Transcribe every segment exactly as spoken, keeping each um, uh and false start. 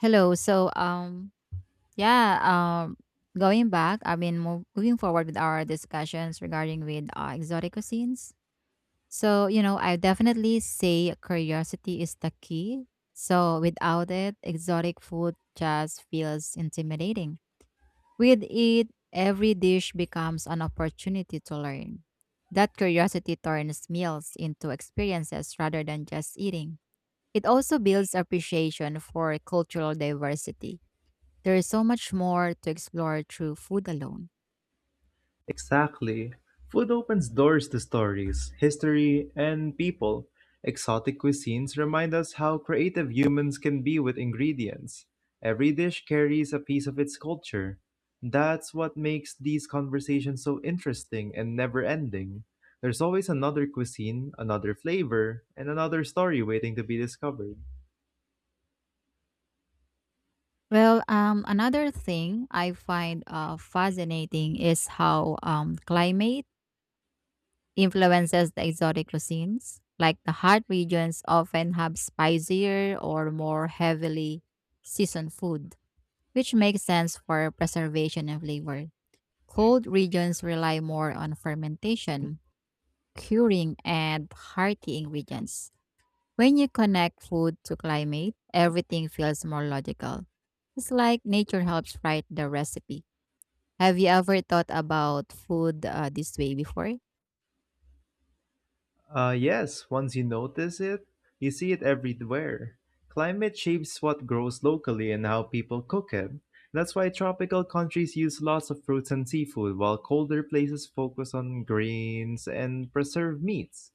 Hello. So, um, yeah, um, going back, I mean, mov- moving forward with our discussions regarding with uh, exotic cuisines. So, you know, I definitely say curiosity is the key. So, without it, exotic food just feels intimidating. With it, every dish becomes an opportunity to learn. That curiosity turns meals into experiences rather than just eating. It also builds appreciation for cultural diversity. There is so much more to explore through food alone. Exactly. Food opens doors to stories, history, and people. Exotic cuisines remind us how creative humans can be with ingredients. Every dish carries a piece of its culture. That's what makes these conversations so interesting and never ending. There's always another cuisine, another flavor, and another story waiting to be discovered. Well, um, another thing I find uh, fascinating is how um, climate influences the exotic cuisines. Like, the hot regions often have spicier or more heavily seasoned food, which makes sense for preservation and flavor. Cold regions rely more on fermentation, curing, and hearty ingredients. When you connect food to climate, everything feels more logical. It's like nature helps write the recipe. Have you ever thought about food uh, this way before? Uh, yes, once you notice it, you see it everywhere. Climate shapes what grows locally and how people cook it. That's why tropical countries use lots of fruits and seafood, while colder places focus on grains and preserved meats.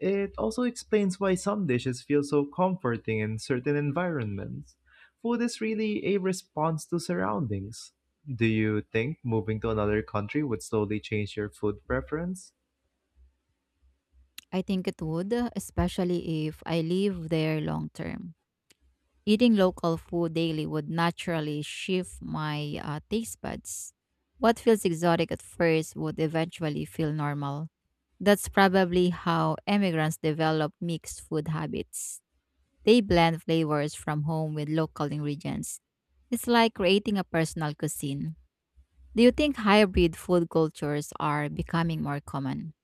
It also explains why some dishes feel so comforting in certain environments. Food is really a response to surroundings. Do you think moving to another country would slowly change your food preference? I think it would, especially if I live there long term. Eating local food daily would naturally shift my uh, taste buds. What feels exotic at first would eventually feel normal. That's probably how immigrants develop mixed food habits. They blend flavors from home with local ingredients. It's like creating a personal cuisine. Do you think hybrid food cultures are becoming more common?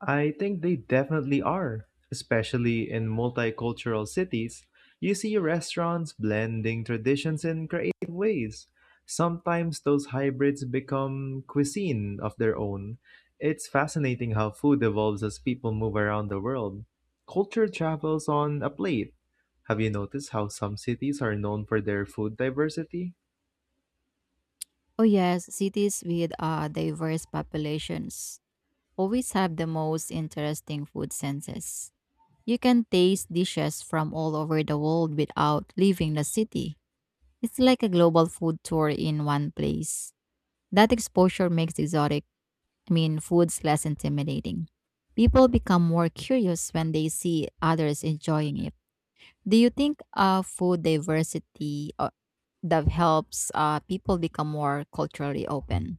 I think they definitely are, especially in multicultural cities. You see restaurants blending traditions in creative ways. Sometimes those hybrids become cuisine of their own. It's fascinating how food evolves as people move around the world. Culture travels on a plate. Have you noticed how some cities are known for their food diversity? Oh, yes, cities with uh, diverse populations always have the most interesting food senses. You can taste dishes from all over the world without leaving the city. It's like a global food tour in one place. That exposure makes exotic I mean, food's less intimidating. People become more curious when they see others enjoying it. Do you think uh, food diversity uh, that helps uh, people become more culturally open?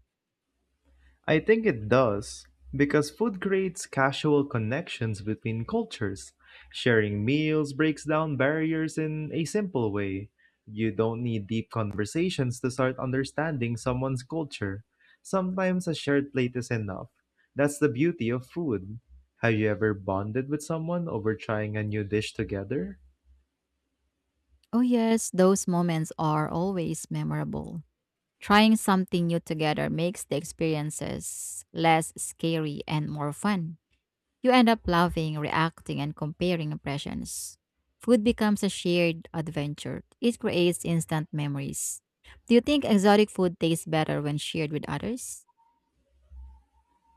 I think it does, because food creates casual connections between cultures. Sharing meals breaks down barriers in a simple way. You don't need deep conversations to start understanding someone's culture. Sometimes a shared plate is enough. That's the beauty of food. Have you ever bonded with someone over trying a new dish together? Oh, yes, those moments are always memorable. Trying something new together makes the experiences less scary and more fun. You end up laughing, reacting, and comparing impressions. Food becomes a shared adventure. It creates instant memories. Do you think exotic food tastes better when shared with others?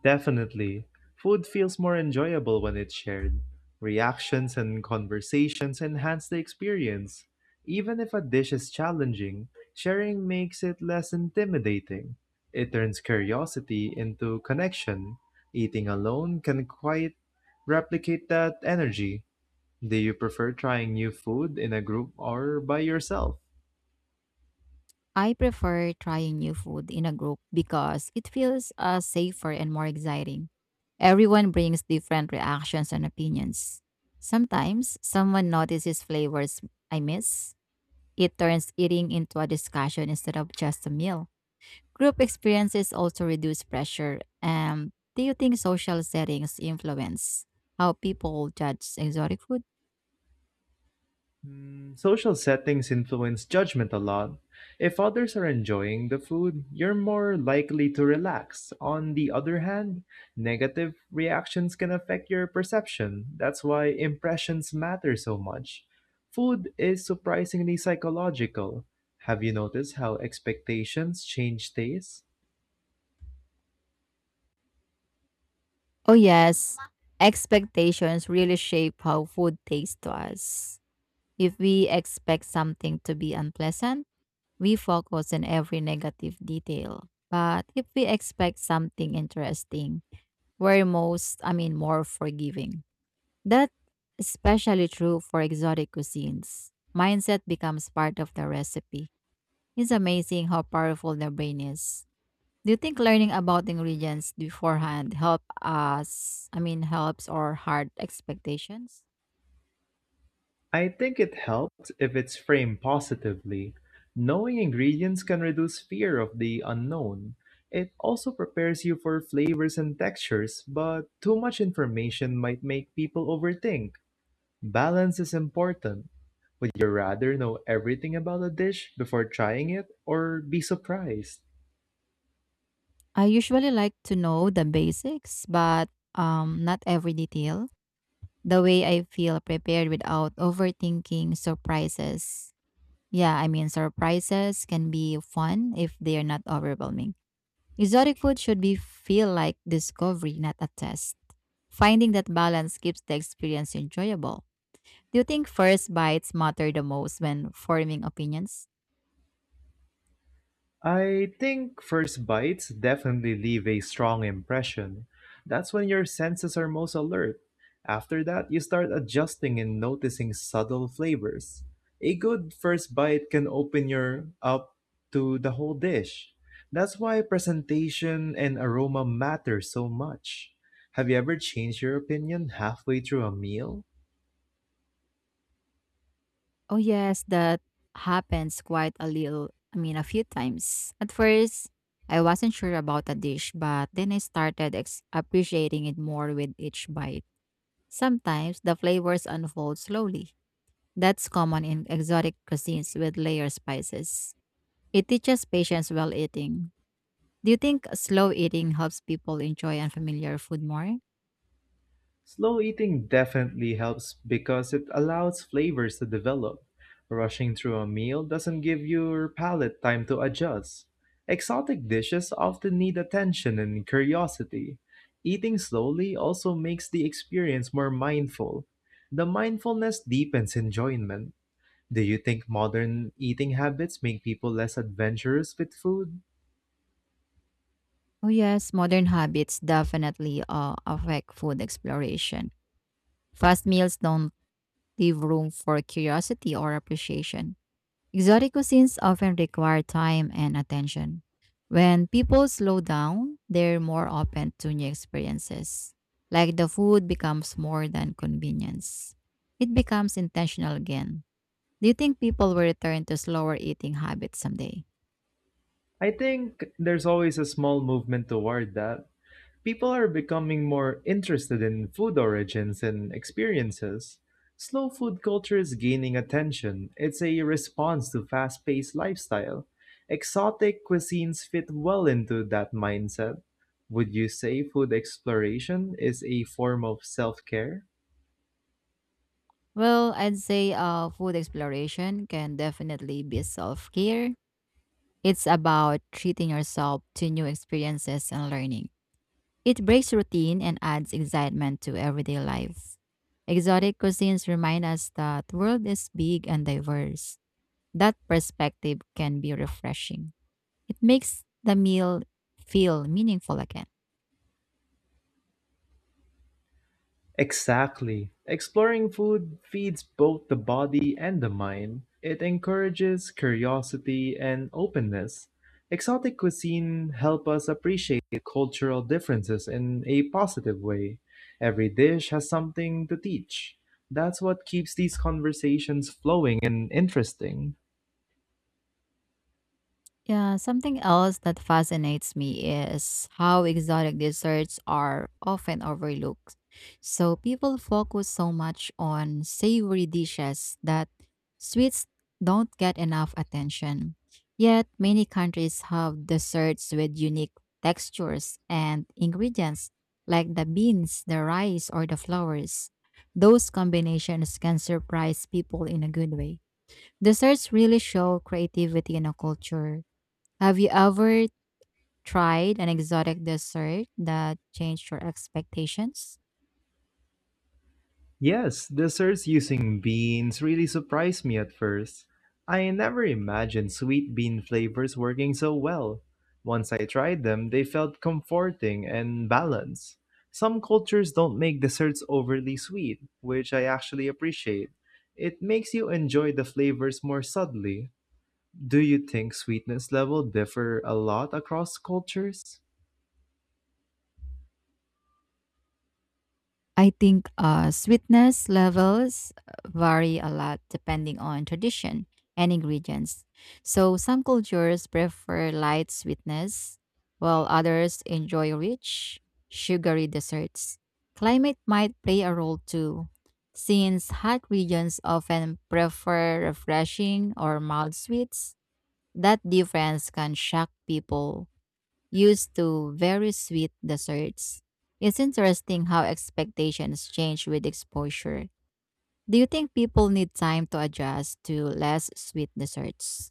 Definitely. Food feels more enjoyable when it's shared. Reactions and conversations enhance the experience. Even if a dish is challenging, sharing makes it less intimidating. It turns curiosity into connection. Eating alone can quite replicate that energy. Do you prefer trying new food in a group or by yourself? I prefer trying new food in a group because it feels uh, safer and more exciting. Everyone brings different reactions and opinions. Sometimes someone notices flavors I miss. It turns eating into a discussion instead of just a meal. Group experiences also reduce pressure. Um, do you think social settings influence how people judge exotic food? Social settings influence judgment a lot. If others are enjoying the food, you're more likely to relax. On the other hand, negative reactions can affect your perception. That's why impressions matter so much. Food is surprisingly psychological. Have you noticed how expectations change tastes? Oh, yes. Expectations really shape how food tastes to us. If we expect something to be unpleasant, we focus on every negative detail. But if we expect something interesting, we're most, I mean, more forgiving. That's especially true for exotic cuisines. Mindset becomes part of the recipe. It's amazing how powerful the brain is. Do you think learning about ingredients beforehand help us, I mean helps or hard expectations? I think it helped if it's framed positively. Knowing ingredients can reduce fear of the unknown. It also prepares you for flavors and textures, but too much information might make people overthink. Balance is important. Would you rather know everything about a dish before trying it or be surprised? I usually like to know the basics, but um not every detail. The way I feel prepared without overthinking surprises. Yeah, I mean, surprises can be fun if they are not overwhelming. Exotic food should be feel like discovery, not a test. Finding that balance keeps the experience enjoyable. Do you think first bites matter the most when forming opinions? I think first bites definitely leave a strong impression. That's when your senses are most alert. After that, you start adjusting and noticing subtle flavors. A good first bite can open your up to the whole dish. That's why presentation and aroma matter so much. Have you ever changed your opinion halfway through a meal? Oh, yes, that happens quite a little, I mean a few times. At first, I wasn't sure about a dish, but then I started ex- appreciating it more with each bite. Sometimes the flavors unfold slowly. That's common in exotic cuisines with layered spices. It teaches patience while eating. Do you think slow eating helps people enjoy unfamiliar food more? Slow eating definitely helps because it allows flavors to develop. Rushing through a meal doesn't give your palate time to adjust. Exotic dishes often need attention and curiosity. Eating slowly also makes the experience more mindful. The mindfulness deepens enjoyment. Do you think modern eating habits make people less adventurous with food? Oh, yes, modern habits definitely uh, affect food exploration. Fast meals don't leave room for curiosity or appreciation. Exotic cuisines often require time and attention. When people slow down, they're more open to new experiences. Like, the food becomes more than convenience. It becomes intentional again. Do you think people will return to slower eating habits someday? I think there's always a small movement toward that. People are becoming more interested in food origins and experiences. Slow food culture is gaining attention. It's a response to fast paced lifestyle. Exotic cuisines fit well into that mindset. Would you say food exploration is a form of self care? Well, I'd say uh, food exploration can definitely be self care. It's about treating yourself to new experiences and learning. It breaks routine and adds excitement to everyday life. Exotic cuisines remind us that the world is big and diverse. That perspective can be refreshing. It makes the meal feel meaningful again. Exactly. Exploring food feeds both the body and the mind. It encourages curiosity and openness. Exotic cuisine help us appreciate cultural differences in a positive way. Every dish has something to teach. That's what keeps these conversations flowing and interesting. Yeah, something else that fascinates me is how exotic desserts are often overlooked. So, people focus so much on savory dishes that sweets don't get enough attention. Yet many countries have desserts with unique textures and ingredients, like the beans, the rice, or the flowers. Those combinations can surprise people in a good way. Desserts really show creativity in a culture. Have you ever tried an exotic dessert that changed your expectations? Yes, desserts using beans really surprised me at first. I never imagined sweet bean flavors working so well. Once I tried them, they felt comforting and balanced. Some cultures don't make desserts overly sweet, which I actually appreciate. It makes you enjoy the flavors more subtly. Do you think sweetness level differ a lot across cultures? I think uh, sweetness levels uh, vary a lot depending on tradition and ingredients. So, some cultures prefer light sweetness, while others enjoy rich, sugary desserts. Climate might play a role too, since hot regions often prefer refreshing or mild sweets. That difference can shock people used to very sweet desserts. It's interesting how expectations change with exposure. Do you think people need time to adjust to less sweet desserts?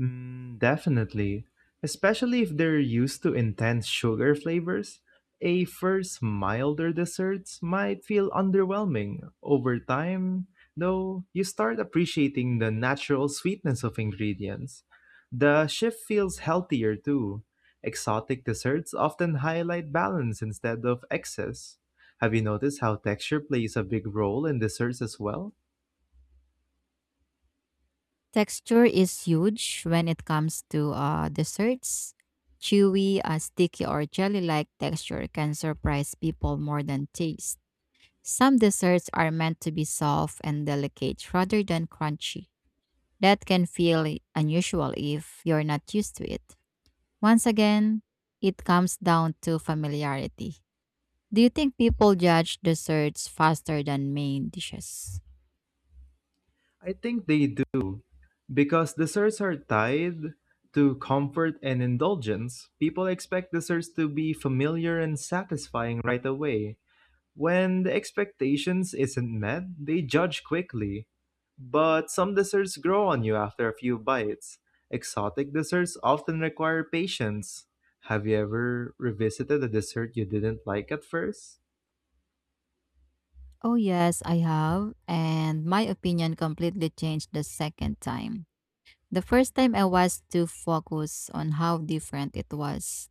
Mm, definitely. Especially if they're used to intense sugar flavors, a first milder desserts might feel underwhelming. Over time, though, you start appreciating the natural sweetness of ingredients. The shift feels healthier too. Exotic desserts often highlight balance instead of excess. Have you noticed how texture plays a big role in desserts as well? Texture is huge when it comes to uh, desserts. Chewy, uh, sticky, or jelly like texture can surprise people more than taste. Some desserts are meant to be soft and delicate rather than crunchy. That can feel unusual if you're not used to it. Once again, it comes down to familiarity. Do you think people judge desserts faster than main dishes? I think they do. Because desserts are tied to comfort and indulgence, people expect desserts to be familiar and satisfying right away. When the expectations isn't met, they judge quickly. But some desserts grow on you after a few bites. Exotic desserts often require patience. Have you ever revisited a dessert you didn't like at first? Oh, yes, I have. And my opinion completely changed the second time. The first time I was too focused on how different it was.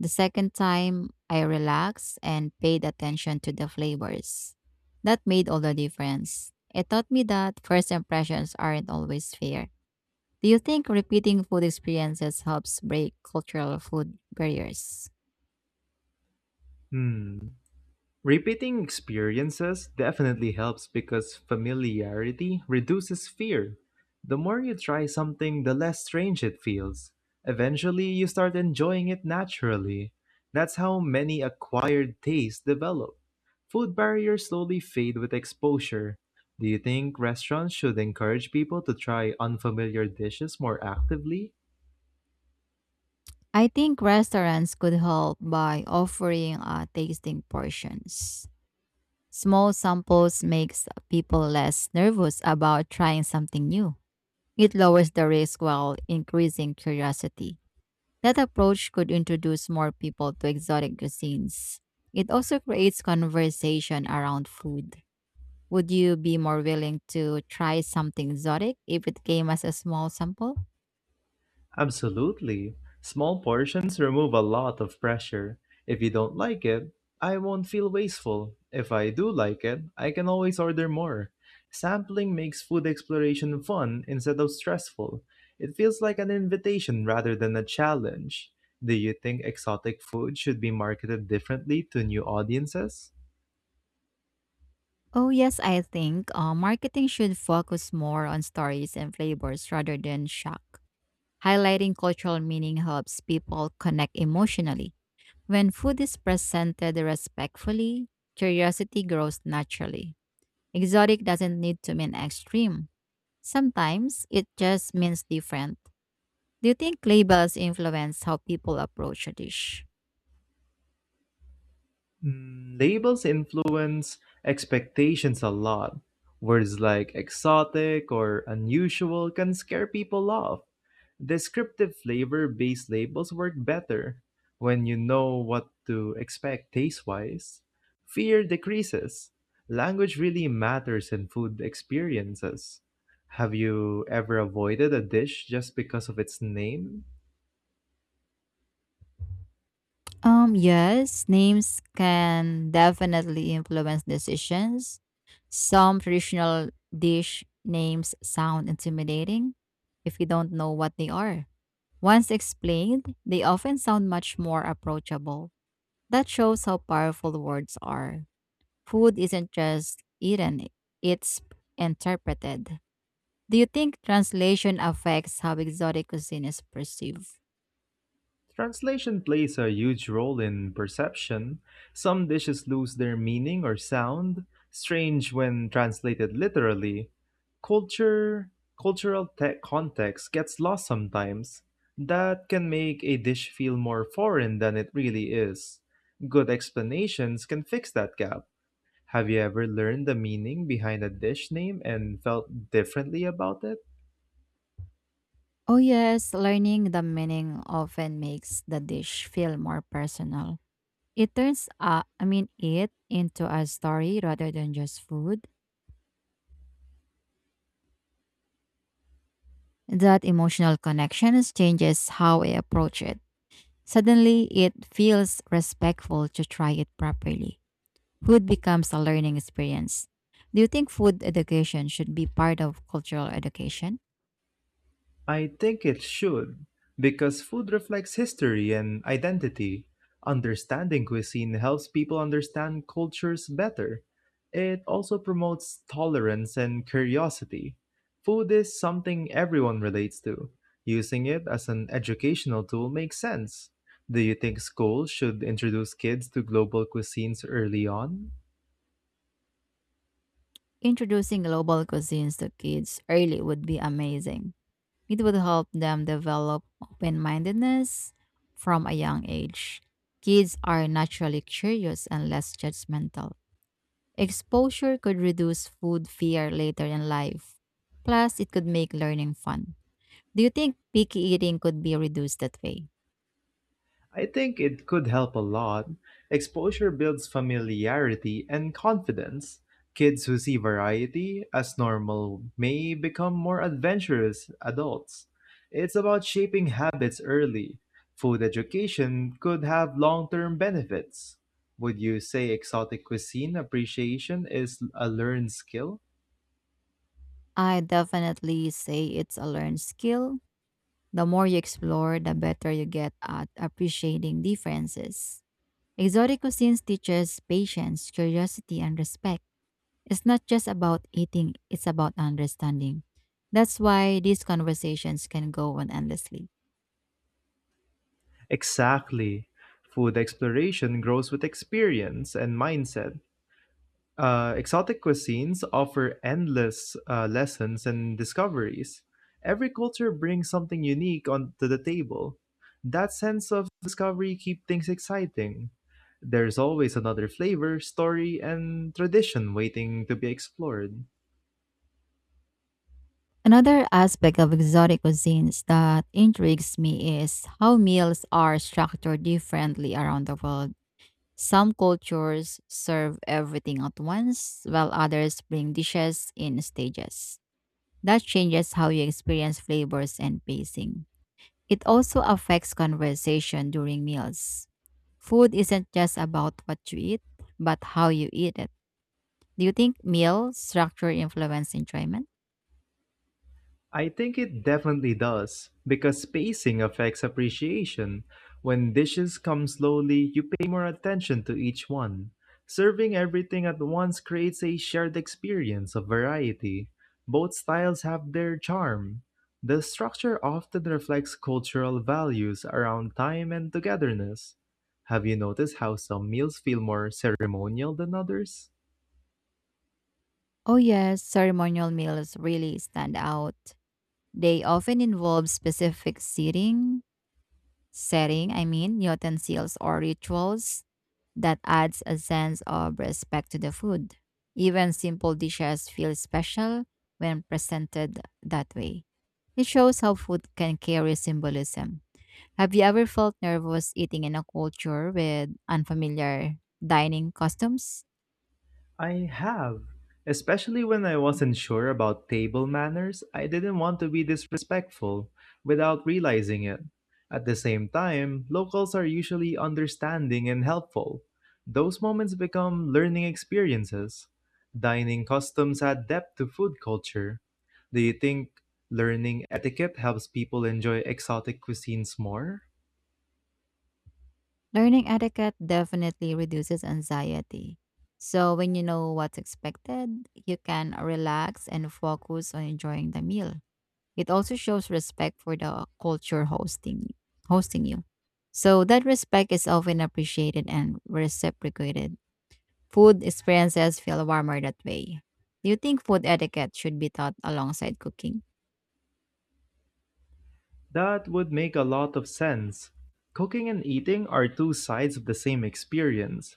The second time I relaxed and paid attention to the flavors. That made all the difference. It taught me that first impressions aren't always fair. Do you think repeating food experiences helps break cultural food barriers? Hmm. Repeating experiences definitely helps because familiarity reduces fear. The more you try something, the less strange it feels. Eventually, you start enjoying it naturally. That's how many acquired tastes develop. Food barriers slowly fade with exposure. Do you think restaurants should encourage people to try unfamiliar dishes more actively? I think restaurants could help by offering uh, tasting portions. Small samples makes people less nervous about trying something new. It lowers the risk while increasing curiosity. That approach could introduce more people to exotic cuisines. It also creates conversation around food. Would you be more willing to try something exotic if it came as a small sample? Absolutely. Small portions remove a lot of pressure. If you don't like it, I won't feel wasteful. If I do like it, I can always order more. Sampling makes food exploration fun instead of stressful. It feels like an invitation rather than a challenge. Do you think exotic food should be marketed differently to new audiences? Oh, yes, I think uh, marketing should focus more on stories and flavors rather than shock. Highlighting cultural meaning helps people connect emotionally. When food is presented respectfully, curiosity grows naturally. Exotic doesn't need to mean extreme. Sometimes it just means different. Do you think labels influence how people approach a dish? Mm, labels influence expectations a lot. Words like exotic or unusual can scare people off. Descriptive flavor based labels work better when you know what to expect taste wise. Fear decreases. Language really matters in food experiences. Have you ever avoided a dish just because of its name? Um, yes, names can definitely influence decisions. Some traditional dish names sound intimidating if you don't know what they are. Once explained, they often sound much more approachable. That shows how powerful words are. Food isn't just eaten, it's interpreted. Do you think translation affects how exotic cuisine is perceived? Translation plays a huge role in perception. Some dishes lose their meaning or sound, strange when translated literally. Culture, cultural te- context gets lost sometimes. That can make a dish feel more foreign than it really is. Good explanations can fix that gap. Have you ever learned the meaning behind a dish name and felt differently about it? Oh, yes, learning the meaning often makes the dish feel more personal. It turns, uh, I mean, it into a story rather than just food. That emotional connection changes how I approach it. Suddenly, it feels respectful to try it properly. Food becomes a learning experience. Do you think food education should be part of cultural education? I think it should, because food reflects history and identity. Understanding cuisine helps people understand cultures better. It also promotes tolerance and curiosity. Food is something everyone relates to. Using it as an educational tool makes sense. Do you think schools should introduce kids to global cuisines early on? Introducing global cuisines to kids early would be amazing. It would help them develop open mindedness from a young age. Kids are naturally curious and less judgmental. Exposure could reduce food fear later in life. Plus, it could make learning fun. Do you think picky eating could be reduced that way? I think it could help a lot. Exposure builds familiarity and confidence. Kids who see variety as normal may become more adventurous adults. It's about shaping habits early. Food education could have long term benefits. Would you say exotic cuisine appreciation is a learned skill? I definitely say it's a learned skill. The more you explore, the better you get at appreciating differences. Exotic cuisines teaches patience, curiosity, and respect. It's not just about eating, it's about understanding. That's why these conversations can go on endlessly. Exactly. Food exploration grows with experience and mindset. Uh, exotic cuisines offer endless uh, lessons and discoveries. Every culture brings something unique onto the table. That sense of discovery keeps things exciting. There's always another flavor, story, and tradition waiting to be explored. Another aspect of exotic cuisines that intrigues me is how meals are structured differently around the world. Some cultures serve everything at once, while others bring dishes in stages. That changes how you experience flavors and pacing. It also affects conversation during meals. Food isn't just about what you eat, but how you eat it. Do you think meal structure influence enjoyment? I think it definitely does, because spacing affects appreciation. When dishes come slowly, you pay more attention to each one. Serving everything at once creates a shared experience of variety. Both styles have their charm. The structure often reflects cultural values around time and togetherness. Have you noticed how some meals feel more ceremonial than others? Oh, yes, ceremonial meals really stand out. They often involve specific seating, setting, I mean, utensils or rituals that adds a sense of respect to the food. Even simple dishes feel special when presented that way. It shows how food can carry symbolism. Have you ever felt nervous eating in a culture with unfamiliar dining customs? I have. Especially when I wasn't sure about table manners, I didn't want to be disrespectful without realizing it. At the same time, locals are usually understanding and helpful. Those moments become learning experiences. Dining customs add depth to food culture. Do you think learning etiquette helps people enjoy exotic cuisines more? Learning etiquette definitely reduces anxiety. So, when you know what's expected, you can relax and focus on enjoying the meal. It also shows respect for the culture hosting hosting you. So, that respect is often appreciated and reciprocated. Food experiences feel warmer that way. Do you think food etiquette should be taught alongside cooking? That would make a lot of sense. Cooking and eating are two sides of the same experience.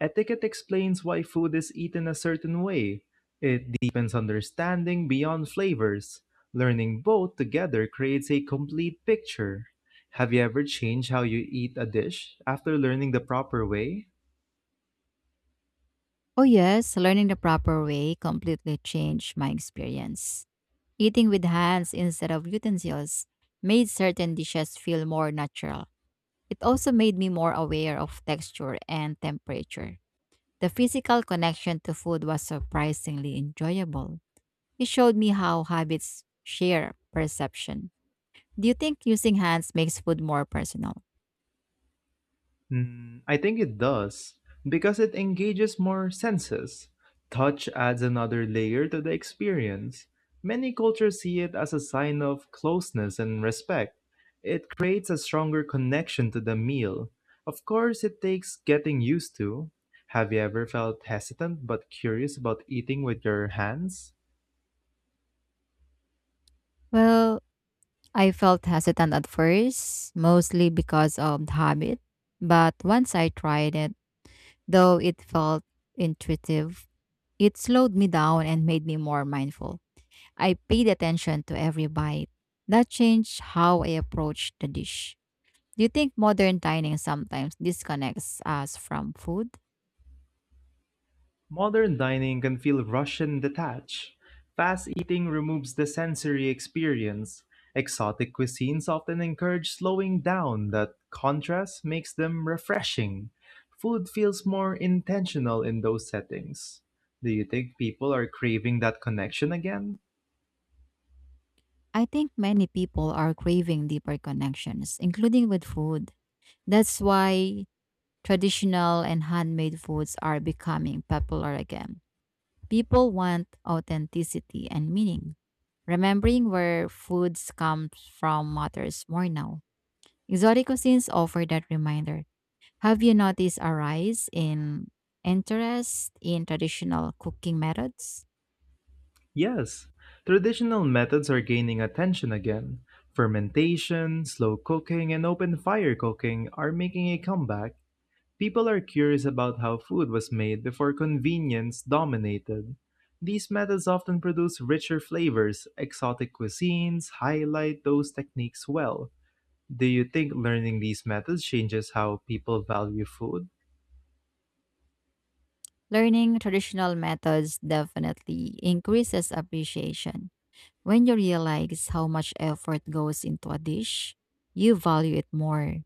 Etiquette explains why food is eaten a certain way. It deepens understanding beyond flavors. Learning both together creates a complete picture. Have you ever changed how you eat a dish after learning the proper way? Oh, yes, learning the proper way completely changed my experience. Eating with hands instead of utensils made certain dishes feel more natural. It also made me more aware of texture and temperature. The physical connection to food was surprisingly enjoyable. It showed me how habits share perception. Do you think using hands makes food more personal? Mm, I think it does, because it engages more senses. Touch adds another layer to the experience. Many cultures see it as a sign of closeness and respect. It creates a stronger connection to the meal. Of course, it takes getting used to. Have you ever felt hesitant but curious about eating with your hands? Well, I felt hesitant at first, mostly because of the habit. But once I tried it, though it felt intuitive, it slowed me down and made me more mindful. I paid attention to every bite. That changed how I approached the dish. Do you think modern dining sometimes disconnects us from food? Modern dining can feel Russian detached. Fast eating removes the sensory experience. Exotic cuisines often encourage slowing down, that contrast makes them refreshing. Food feels more intentional in those settings. Do you think people are craving that connection again? I think many people are craving deeper connections, including with food. That's why traditional and handmade foods are becoming popular again. People want authenticity and meaning. Remembering where foods come from matters more now. Exotic cuisines offer that reminder. Have you noticed a rise in interest in traditional cooking methods? Yes, traditional methods are gaining attention again. Fermentation, slow cooking, and open fire cooking are making a comeback. People are curious about how food was made before convenience dominated. These methods often produce richer flavors. Exotic cuisines highlight those techniques well. Do you think learning these methods changes how people value food? Learning traditional methods definitely increases appreciation. When you realize how much effort goes into a dish, you value it more.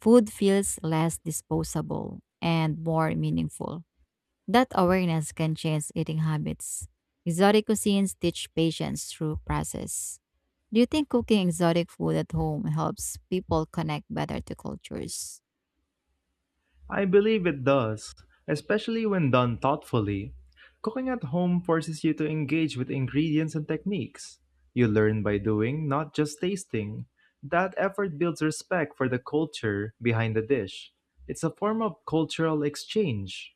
Food feels less disposable and more meaningful. That awareness can change eating habits. Exotic cuisines teach patience through process. Do you think cooking exotic food at home helps people connect better to cultures? I believe it does, especially when done thoughtfully. Cooking at home forces you to engage with ingredients and techniques. You learn by doing, not just tasting. That effort builds respect for the culture behind the dish. It's a form of cultural exchange.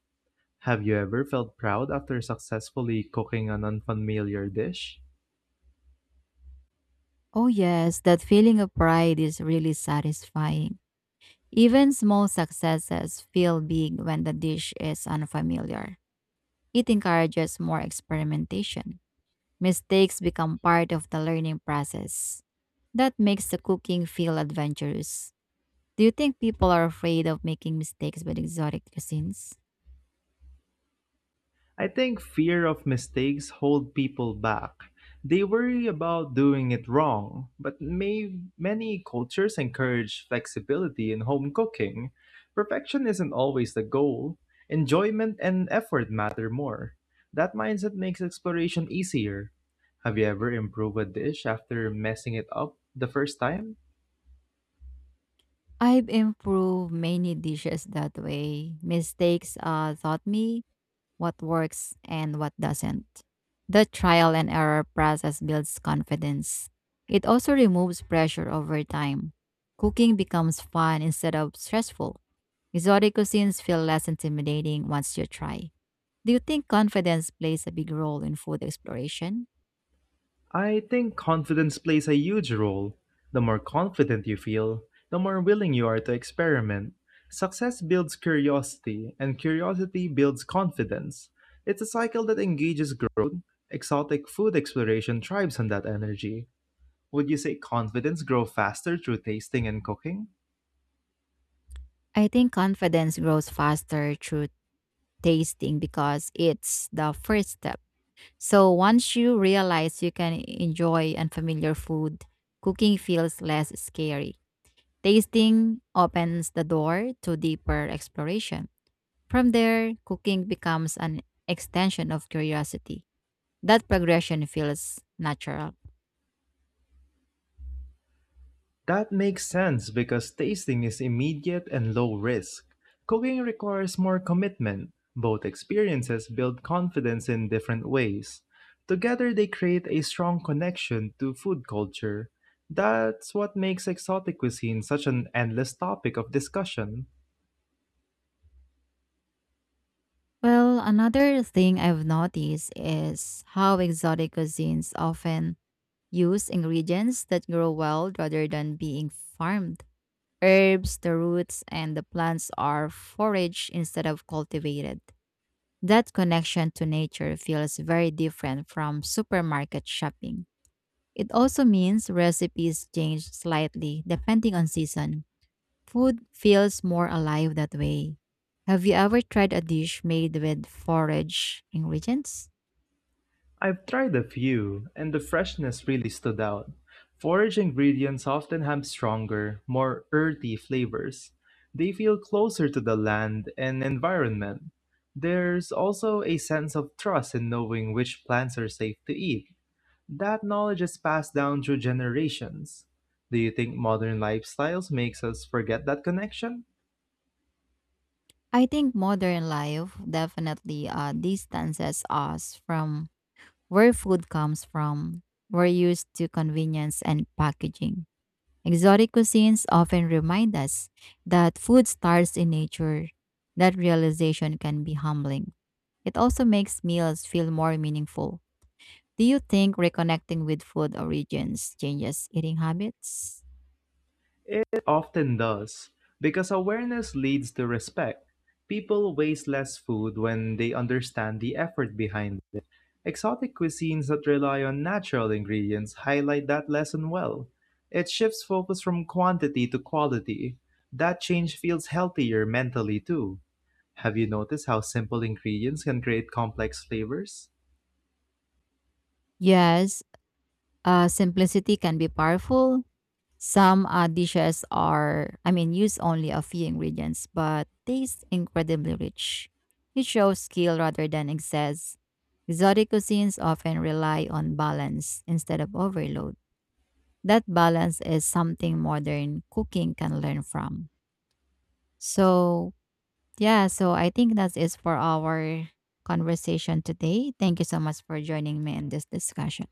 Have you ever felt proud after successfully cooking an unfamiliar dish? Oh, yes, that feeling of pride is really satisfying. Even small successes feel big when the dish is unfamiliar. It encourages more experimentation. Mistakes become part of the learning process. That makes the cooking feel adventurous. Do you think people are afraid of making mistakes with exotic cuisines? I think fear of mistakes hold people back. They worry about doing it wrong, but may, many cultures encourage flexibility in home cooking. Perfection isn't always the goal. Enjoyment and effort matter more. That mindset makes exploration easier. Have you ever improved a dish after messing it up the first time? I've improved many dishes that way. Mistakes uh, taught me what works and what doesn't. The trial and error process builds confidence. It also removes pressure over time. Cooking becomes fun instead of stressful. Exotic cuisines feel less intimidating once you try. Do you think confidence plays a big role in food exploration? I think confidence plays a huge role. The more confident you feel, the more willing you are to experiment. Success builds curiosity, and curiosity builds confidence. It's a cycle that engages growth. Exotic food exploration thrives on that energy. Would you say confidence grow faster through tasting and cooking? I think confidence grows faster through tasting because it's the first step. So, once you realize you can enjoy unfamiliar food, cooking feels less scary. Tasting opens the door to deeper exploration. From there, cooking becomes an extension of curiosity. That progression feels natural. That makes sense because tasting is immediate and low risk. Cooking requires more commitment. Both experiences build confidence in different ways. Together, they create a strong connection to food culture. That's what makes exotic cuisine such an endless topic of discussion. Well, another thing I've noticed is how exotic cuisines often use ingredients that grow wild rather than being farmed. Herbs, the roots, and the plants are foraged instead of cultivated. That connection to nature feels very different from supermarket shopping. It also means recipes change slightly depending on season. Food feels more alive that way. Have you ever tried a dish made with forage ingredients? I've tried a few, and the freshness really stood out. Forage ingredients often have stronger, more earthy flavors. They feel closer to the land and environment. There's also a sense of trust in knowing which plants are safe to eat. That knowledge is passed down through generations. Do you think modern lifestyles makes us forget that connection? I think modern life definitely uh, distances us from where food comes from. We're used to convenience and packaging. Exotic cuisines often remind us that food starts in nature. That realization can be humbling. It also makes meals feel more meaningful. Do you think reconnecting with food origins changes eating habits? It often does, because awareness leads to respect. People waste less food when they understand the effort behind it. Exotic cuisines that rely on natural ingredients highlight that lesson well. It shifts focus from quantity to quality. That change feels healthier mentally, too. Have you noticed how simple ingredients can create complex flavors? Yes. Uh, simplicity can be powerful. Some uh, dishes are, I mean, use only a few ingredients, but taste incredibly rich. It shows skill rather than excess. Exotic cuisines often rely on balance instead of overload. That balance is something modern cooking can learn from. So, yeah, so I think that is for our conversation today. Thank you so much for joining me in this discussion.